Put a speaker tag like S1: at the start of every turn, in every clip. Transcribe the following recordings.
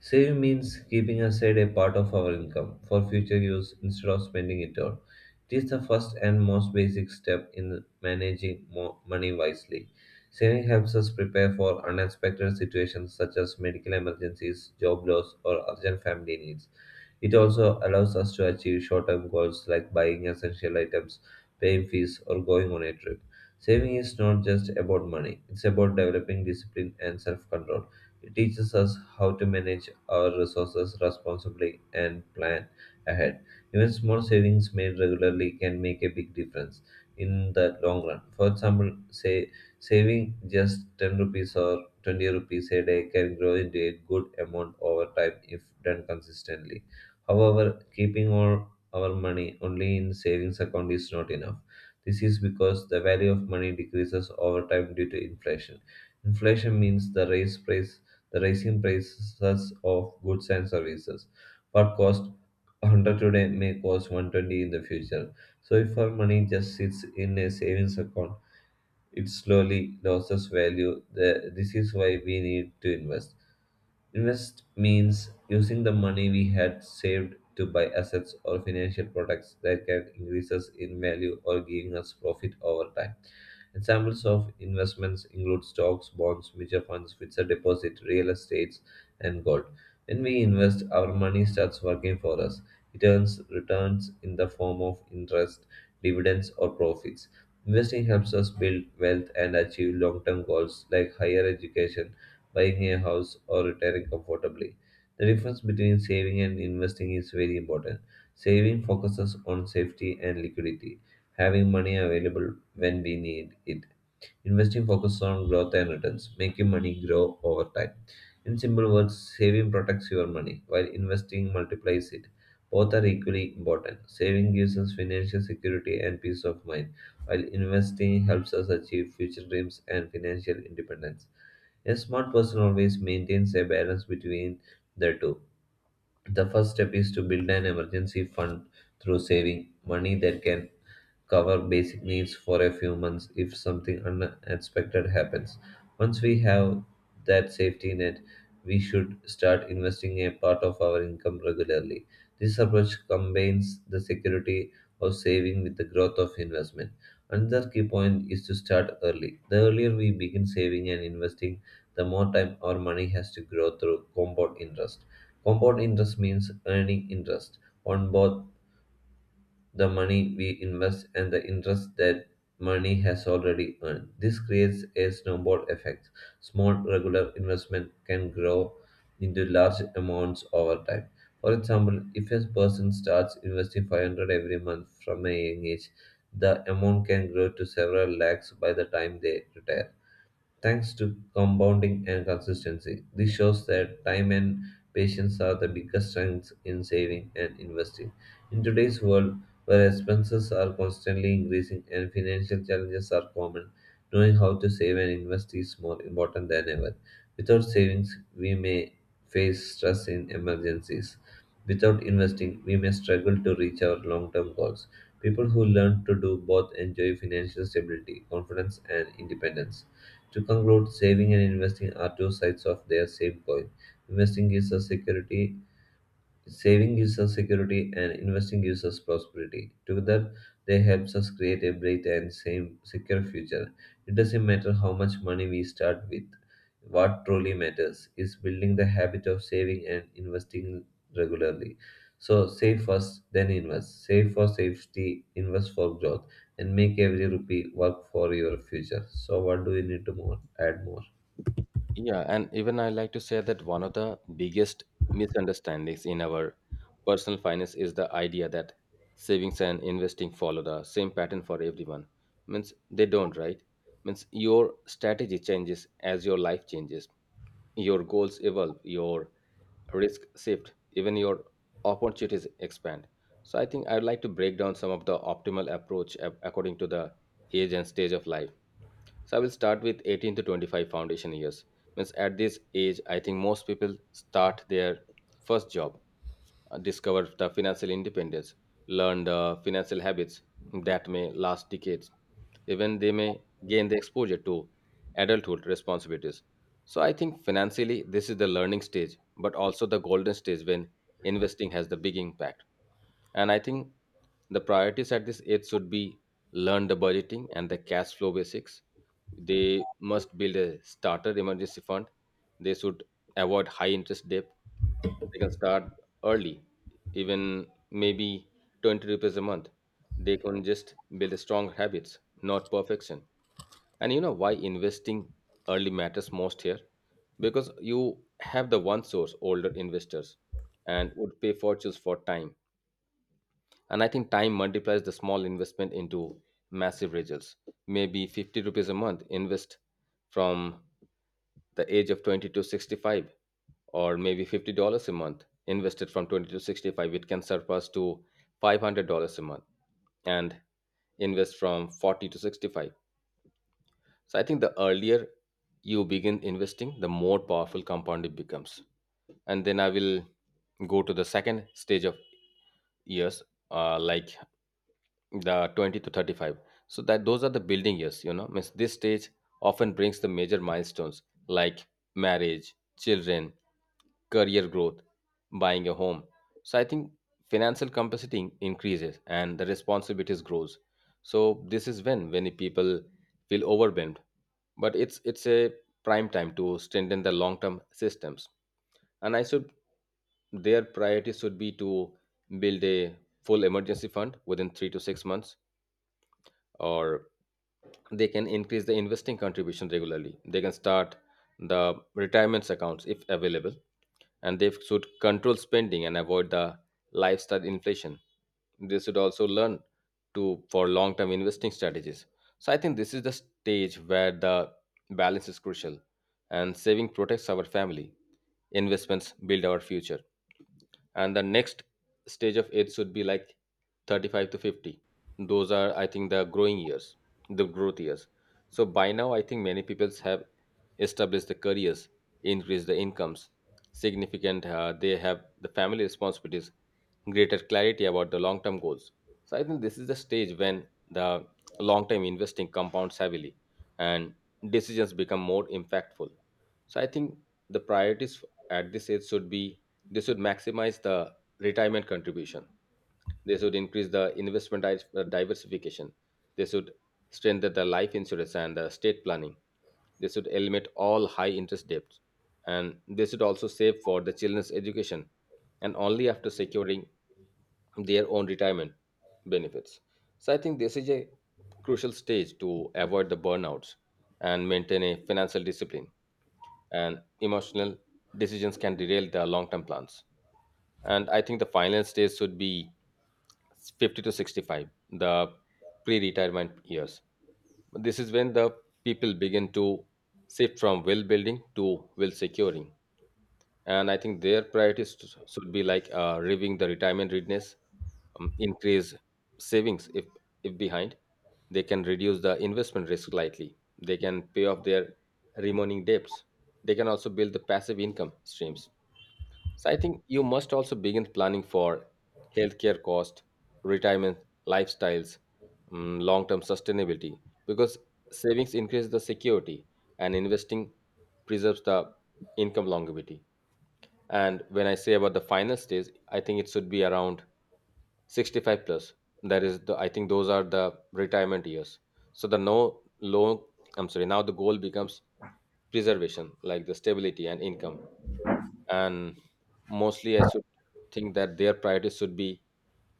S1: Saving means keeping aside a part of our income for future use instead of spending it all. It is the first and most basic step in managing money wisely. Saving helps us prepare for unexpected situations such as medical emergencies, job loss, or urgent family needs. It also allows us to achieve short term goals like buying essential items, paying fees, or going on a trip. Saving is not just about money, it's about developing discipline and self control. It teaches us how to manage our resources responsibly and plan ahead. Even small savings made regularly can make a big difference in the long run. For example, say saving just 10 rupees or 20 rupees a day can grow into a good amount over time if done consistently. However, keeping all our money only in savings account is not enough. This is because the value of money decreases over time due to inflation. Inflation means the rising prices of goods and services. What cost 100 today may cost 120 in the future. So if our money just sits in a savings account, it slowly loses value. This is why we need to invest. Invest means using the money we had saved to buy assets or financial products that can increase us in value or giving us profit over time. Examples of investments include stocks, bonds, mutual funds, fixed deposit, real estates, and gold. When we invest, our money starts working for us. It earns returns in the form of interest, dividends, or profits. Investing helps us build wealth and achieve long term goals like higher education, buying a house, or retiring comfortably. The difference between saving and investing is very important. Saving focuses on safety and liquidity, having money available when we need it. Investing focuses on growth and returns, making money grow over time. In simple words, saving protects your money while investing multiplies it. Both are equally important. Saving gives us financial security and peace of mind, while investing helps us achieve future dreams and financial independence. A smart person always maintains a balance between the two. The first step is to build an emergency fund through saving money that can cover basic needs for a few months if something unexpected happens. Once we have that safety net, we should start investing a part of our income regularly. This approach combines the security of saving with the growth of investment. Another key point is to start early. The earlier we begin saving and investing, the more time our money has to grow through compound interest. Compound interest means earning interest on both the money we invest and the interest that money has already earned. This creates a snowball effect. Small regular investment can grow into large amounts over time. For example, if a person starts investing 500 every month from a young age, the amount can grow to several lakhs by the time they retire. Thanks to compounding and consistency, this shows that time and patience are the biggest strengths in saving and investing. In today's world, where expenses are constantly increasing and financial challenges are common, knowing how to save and invest is more important than ever. Without savings, we may face stress in emergencies. Without investing, we may struggle to reach our long term goals. People who learn to do both enjoy financial stability, confidence, and independence. To conclude, saving and investing are two sides of their same coin. Investing gives us security Saving gives us security and investing gives us prosperity. Together, they helps us create a bright and same secure future. It doesn't matter how much money we start with. What truly matters is building the habit of saving and investing regularly. So save first, then invest. Save for safety, invest for growth, and make every rupee work for your future. So what do you need to more add more?
S2: Yeah, and even I like to say that one of the biggest misunderstandings in our personal finance is the idea that savings and investing follow the same pattern for everyone. Means they don't, right? Means your strategy changes as your life changes, your goals evolve, your risk shift, even your opportunities expand. So I think I'd like to break down some of the optimal approach according to the age and stage of life. So I will start with 18 to 25, foundation years. Means at this age, I think most people start their first job, discover the financial independence, learn the financial habits that may last decades. Even they may gain the exposure to adulthood responsibilities, so I think financially, this is the learning stage, but also the golden stage when investing has the big impact. And I think the priorities at this age should be learn the budgeting and the cash flow basics. They must build a starter emergency fund. They should avoid high interest debt. They can start early, even maybe 20 rupees a month. They can just build a strong habits, not perfection. And you know why investing early matters most here? Because you have the one source, older investors, and would pay fortunes for time. And I think time multiplies the small investment into massive results. Maybe 50 rupees a month invest from the age of 20 to 65, or maybe $50 a month invested from 20 to 65. It can surpass to $500 a month and invest from 40 to 65, so I think the earlier you begin investing, the more powerful compound it becomes. And then I will go to the second stage of years, like the 20 to 35, so that those are the building years, you know. Means this stage often brings the major milestones like marriage, children, career growth, buying a home, so I think financial capacity increases and the responsibilities grows. So this is when many people feel overwhelmed, but it's a prime time to strengthen the long term systems. And I should, their priority should be to build a full emergency fund within 3 to 6 months, or they can increase the investing contribution regularly. They can start the retirement accounts if available, and they should control spending and avoid the lifestyle inflation. They should also learn to for long-term investing strategies. So I think this is the stage where the balance is crucial, and saving protects our family. Investments build our future. And the next stage of age should be like 35 to 50, those are, I think, the growing years, the growth years. So by now I think many people have established the careers, increased the incomes significant, they have the family responsibilities, greater clarity about the long term goals. So I think this is the stage when the long term investing compounds heavily and decisions become more impactful. So I think the priorities at this age should be, they should maximize the retirement contribution. They should increase the investment diversification. They should strengthen the life insurance and the state planning. They should eliminate all high interest debts. And they should also save for the children's education and only after securing their own retirement benefits. So I think this is a crucial stage to avoid the burnouts and maintain a financial discipline, and emotional decisions can derail the long-term plans. And I think the final stage should be 50 to 65, the pre-retirement years. This is when the people begin to shift from will building to will securing. And I think their priorities should be like, reviewing the retirement readiness, increase savings if behind. They can reduce the investment risk slightly, they can pay off their remaining debts, they can also build the passive income streams. So I think you must also begin planning for healthcare cost, retirement, lifestyles, long-term sustainability, because savings increase the security and investing preserves the income longevity. And when I say about the final stage, I think it should be around 65 plus. That is the, I think those are the retirement years. So the no low I'm sorry, now the goal becomes preservation, like the stability and income. And mostly I should think that their priorities should be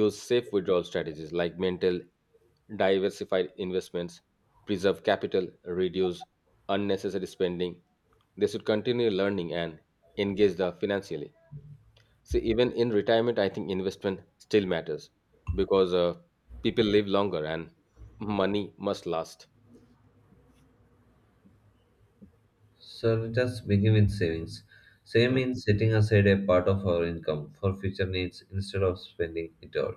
S2: use safe withdrawal strategies like mental diversified investments, preserve capital, reduce unnecessary spending. They should continue learning and engage the financially. See, even in retirement, I think investment still matters, because people live longer and money must last.
S1: So let us begin with savings. Saving means setting aside a part of our income for future needs instead of spending it all.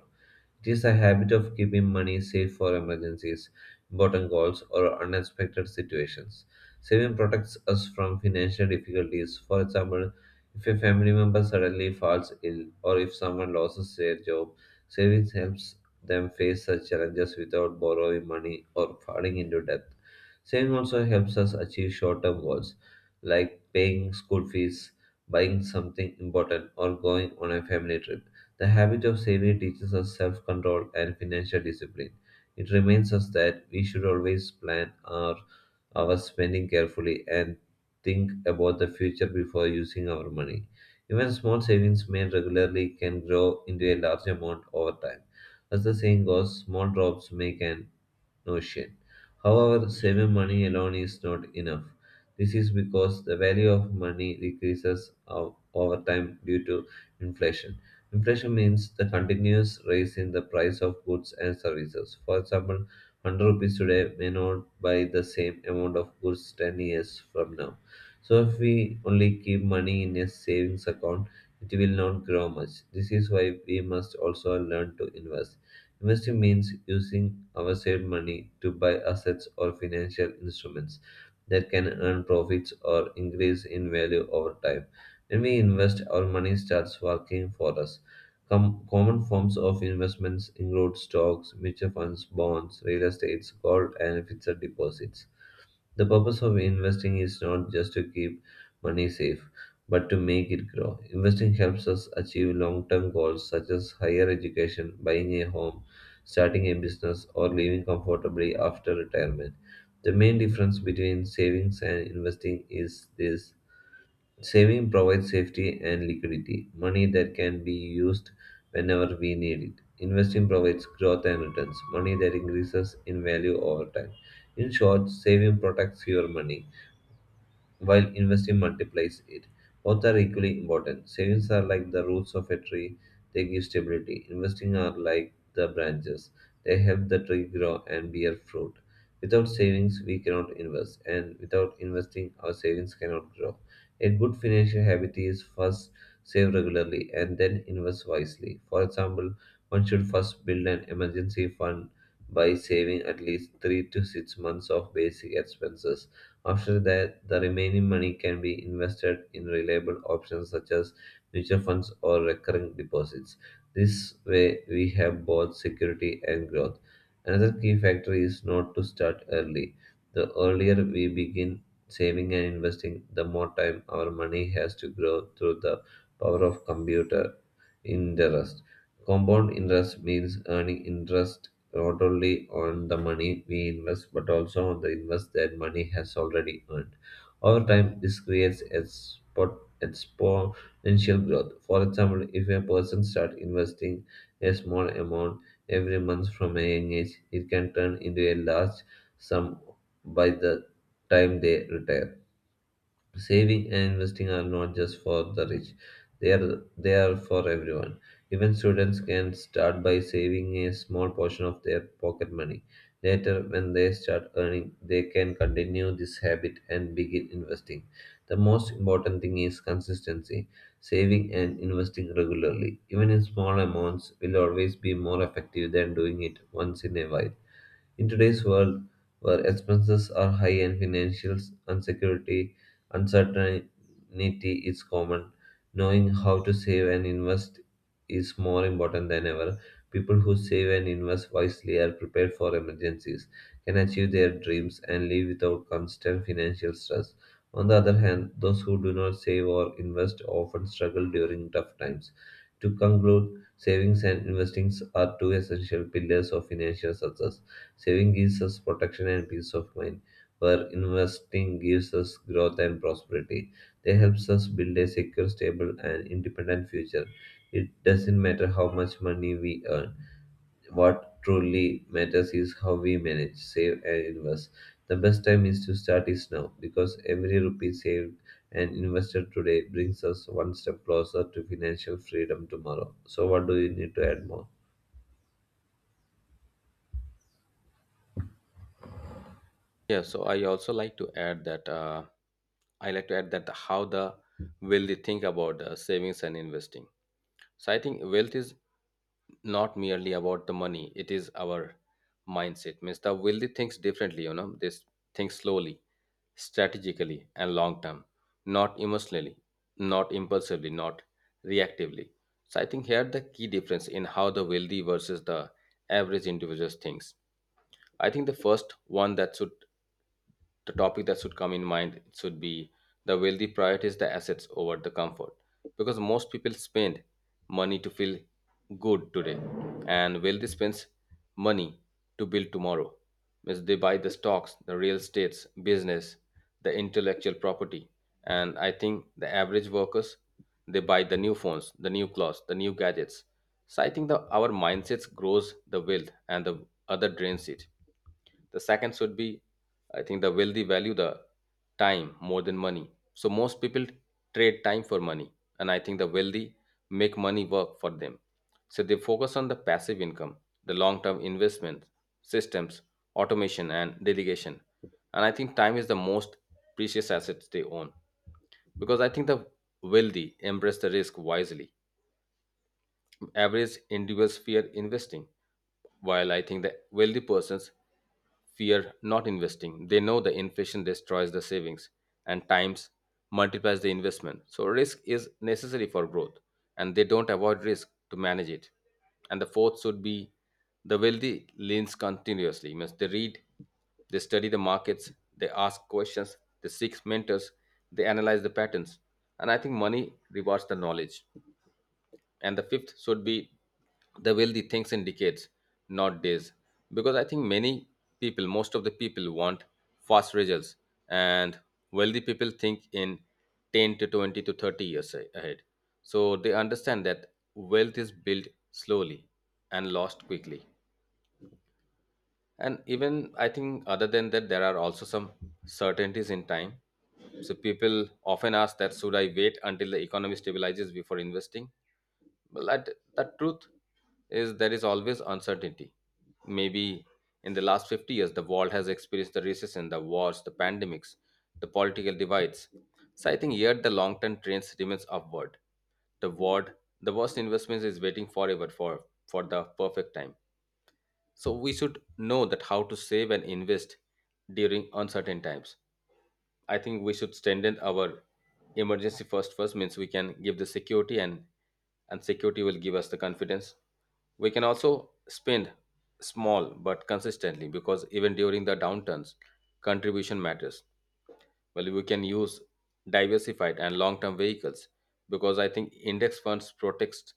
S1: It is a habit of keeping money safe for emergencies, important goals, or unexpected situations. Saving protects us from financial difficulties. For example, if a family member suddenly falls ill or if someone loses their job, savings helps them face such challenges without borrowing money or falling into debt. Saving also helps us achieve short term goals like paying school fees, buying something important, or going on a family trip. The habit of saving teaches us self control and financial discipline. It reminds us that we should always plan our spending carefully and think about the future before using our money. Even small savings made regularly can grow into a large amount over time. As the saying goes, small drops make an notion. However, saving money alone is not enough. This is because the value of money decreases over time due to inflation. Inflation means the continuous rise in the price of goods and services. For example, 100 rupees today may not buy the same amount of goods 10 years from now. So, if we only keep money in a savings account, it will not grow much. This is why we must also learn to invest. Investing means using our saved money to buy assets or financial instruments that can earn profits or increase in value over time. When we invest, our money starts working for us. Common forms of investments include stocks, mutual funds, bonds, real estates, gold, and fixed deposits. The purpose of investing is not just to keep money safe, but to make it grow. Investing helps us achieve long term goals such as higher education, buying a home, starting a business, or living comfortably after retirement. The main difference between savings and investing is this: saving provides safety and liquidity, money that can be used whenever we need it. Investing provides growth and returns, money that increases in value over time. In short, saving protects your money while investing multiplies it. Both are equally important. Savings are like the roots of a tree, they give stability. Investing are like the branches, they help the tree grow and bear fruit. Without savings, we cannot invest, and without investing, our savings cannot grow. A good financial habit is first save regularly and then invest wisely. For example, one should first build an emergency fund by saving at least 3 to 6 months of basic expenses. After that, the remaining money can be invested in reliable options such as mutual funds or recurring deposits. This way, we have both security and growth. Another key factor is not to start early. The earlier we begin saving and investing, the more time our money has to grow through the power of computer interest. Compound interest means earning interest not only on the money we invest but also on the invest that money has already earned. Over time, this creates exponential growth. For example, if a person starts investing a small amount every month from a young age, it can turn into a large sum by the time they retire. Saving and investing are not just for the rich. They are for everyone. Even students can start by saving a small portion of their pocket money. Later, when they start earning, they can continue this habit and begin investing. The most important thing is consistency. Saving and investing regularly, even in small amounts, will always be more effective than doing it once in a while. In today's world, where expenses are high and financial insecurity, uncertainty is common, knowing how to save and invest is more important than ever. People who save and invest wisely are prepared for emergencies, can achieve their dreams, and live without constant financial stress. On the other hand, those who do not save or invest often struggle during tough times. To conclude, savings and investings are two essential pillars of financial success. Saving gives us protection and peace of mind, where investing gives us growth and prosperity. They helps us build a secure, stable, and independent future. It doesn't matter how much money we earn. What truly matters is how we manage, save, and invest. The best time is to start is now because every rupee saved and invested today brings us one step closer to financial freedom tomorrow. So, what do you need to add more?
S2: Yeah, so I also like to add that I like to add that how the will they think about savings and investing. So I think wealth is not merely about the money; it is our mindset. Means the wealthy thinks differently. You know, think slowly, strategically, and long term, not emotionally, not impulsively, not reactively. So I think here the key difference in how the wealthy versus the average individuals thinks. I think the first one that should, the topic that should come in mind should be the wealthy prioritize the assets over the comfort, because most people spend money to feel good today, and wealthy spends money to build tomorrow. Means they buy the stocks, the real estates business, the intellectual property, and I think the average workers, they buy the new phones, the new clothes, the new gadgets. So I think that our mindsets grows the wealth and the other drains it. The second should be, I think, the wealthy value the time more than money. So most people trade time for money, and I think the wealthy make money work for them. So they focus on the passive income, the long-term investment systems, automation, and delegation. And I think time is the most precious asset they own. Because I think the wealthy embrace the risk wisely, average individuals fear investing, while I think the wealthy persons fear not investing. They know the inflation destroys the savings and times multiplies the investment. So risk is necessary for growth, and they don't avoid risk to manage it. And the fourth should be the wealthy leans continuously. Means they read, they study the markets, they ask questions, they seek mentors, they analyze the patterns. And I think money rewards the knowledge. And the fifth should be the wealthy thinks in decades, not days, because I think many people, most of the people want fast results, and wealthy people think in 10 to 20 to 30 years ahead. So they understand that wealth is built slowly and lost quickly. And even I think other than that, there are also some certainties in time. So people often ask that should I wait until the economy stabilizes before investing. Well, that truth is there is always uncertainty. Maybe in the last 50 years, the world has experienced the recession, the wars, the pandemics, the political divides. So I think here the long-term trend remains upward. The world, the worst investments is waiting forever for the perfect time. So we should know that how to save and invest during uncertain times. I think we should strengthen our emergency first. Means we can give the security, and security will give us the confidence. We can also spend small but consistently, because even during the downturns, contribution matters. Well, we can use diversified and long-term vehicles, because I think index funds protects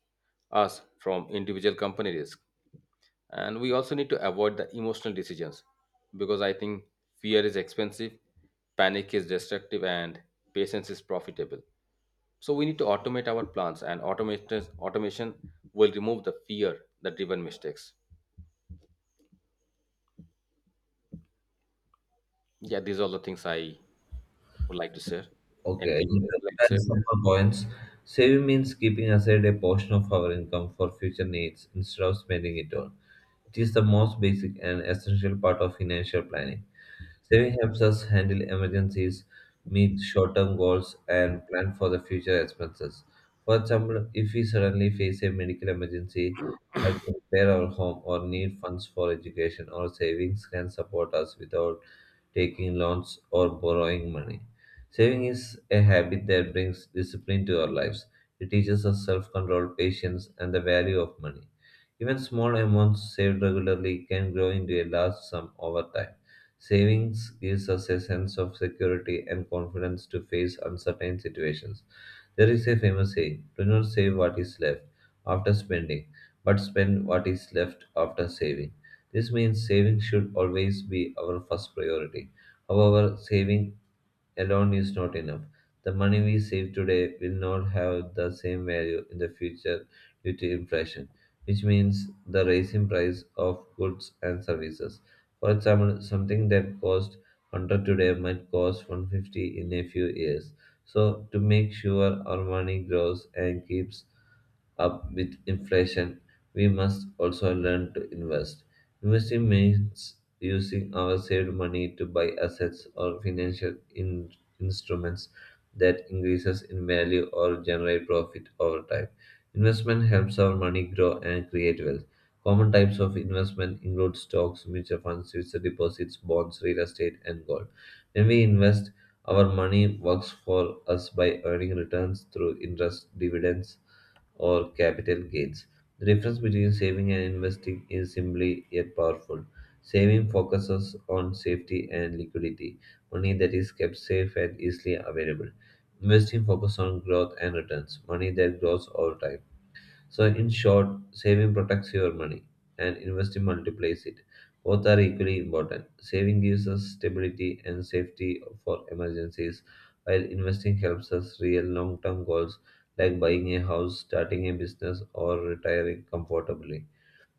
S2: us from individual company risk. And we also need to avoid the emotional decisions, because I think fear is expensive, panic is destructive, and patience is profitable. So we need to automate our plans, and automation will remove the fear that driven mistakes. Yeah, these are the things I would like to share.
S1: Okay,
S2: Anything you
S1: in
S2: would like to share?
S1: comparison for coins, saving means keeping aside a portion of our income for future needs instead of spending it all. It is the most basic and essential part of financial planning. Saving helps us handle emergencies, meet short term goals, and plan for the future expenses. For example, if we suddenly face a medical emergency, have to repair our home, or need funds for education, our savings can support us without taking loans or borrowing money. Saving is a habit that brings discipline to our lives. It teaches us self control, patience, and the value of money. Even small amounts saved regularly can grow into a large sum over time. Savings gives us a sense of security and confidence to face uncertain situations. There is a famous saying, do not save what is left after spending, but spend what is left after saving. This means saving should always be our first priority. However, saving alone is not enough. The money we save today will not have the same value in the future due to inflation, which means the rising price of goods and services. For example, something that cost 100 today might cost 150 in a few years. So, to make sure our money grows and keeps up with inflation, we must also learn to invest. Investing means using our saved money to buy assets or financial instruments that increases in value or generate profit over time. Investment helps our money grow and create wealth. Common types of investment include stocks, mutual funds, fixed deposits, bonds, real estate, and gold. When we invest, our money works for us by earning returns through interest, dividends, or capital gains. The difference between saving and investing is simply yet powerful. Saving focuses on safety and liquidity, money that is kept safe and easily available. Investing focuses on growth and returns, money that grows over time. So, in short, saving protects your money and investing multiplies it. Both are equally important. Saving gives us stability and safety for emergencies, while investing helps us real long term goals like buying a house, starting a business, or retiring comfortably.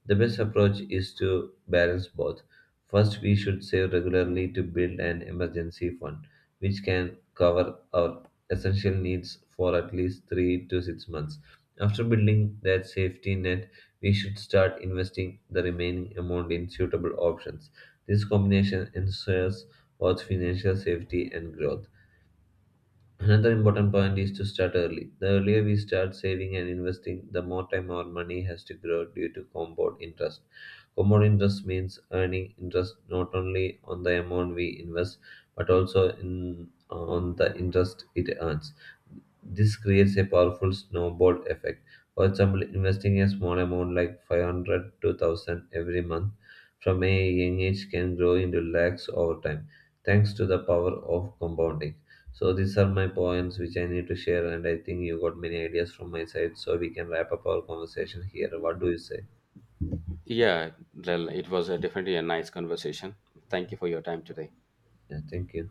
S1: The best approach is to balance both. First, we should save regularly to build an emergency fund, which can cover our essential needs for at least 3 to 6 months. After building that safety net, we should start investing the remaining amount in suitable options. This combination ensures both financial safety and growth. Another important point is to start early. The earlier we start saving and investing, the more time our money has to grow due to compound interest. Compound interest means earning interest not only on the amount we invest, but on the interest it earns. This creates a powerful snowball effect. For example, investing a small amount like 500 to 1,000 every month from a young age can grow into lakhs over time, thanks to the power of compounding. So these are my points which I need to share, and I think you got many ideas from my side. So we can wrap up our conversation here. What do you say?
S2: Yeah, well, it was a definitely a nice conversation. Thank you for your time today.
S1: Yeah, thank you.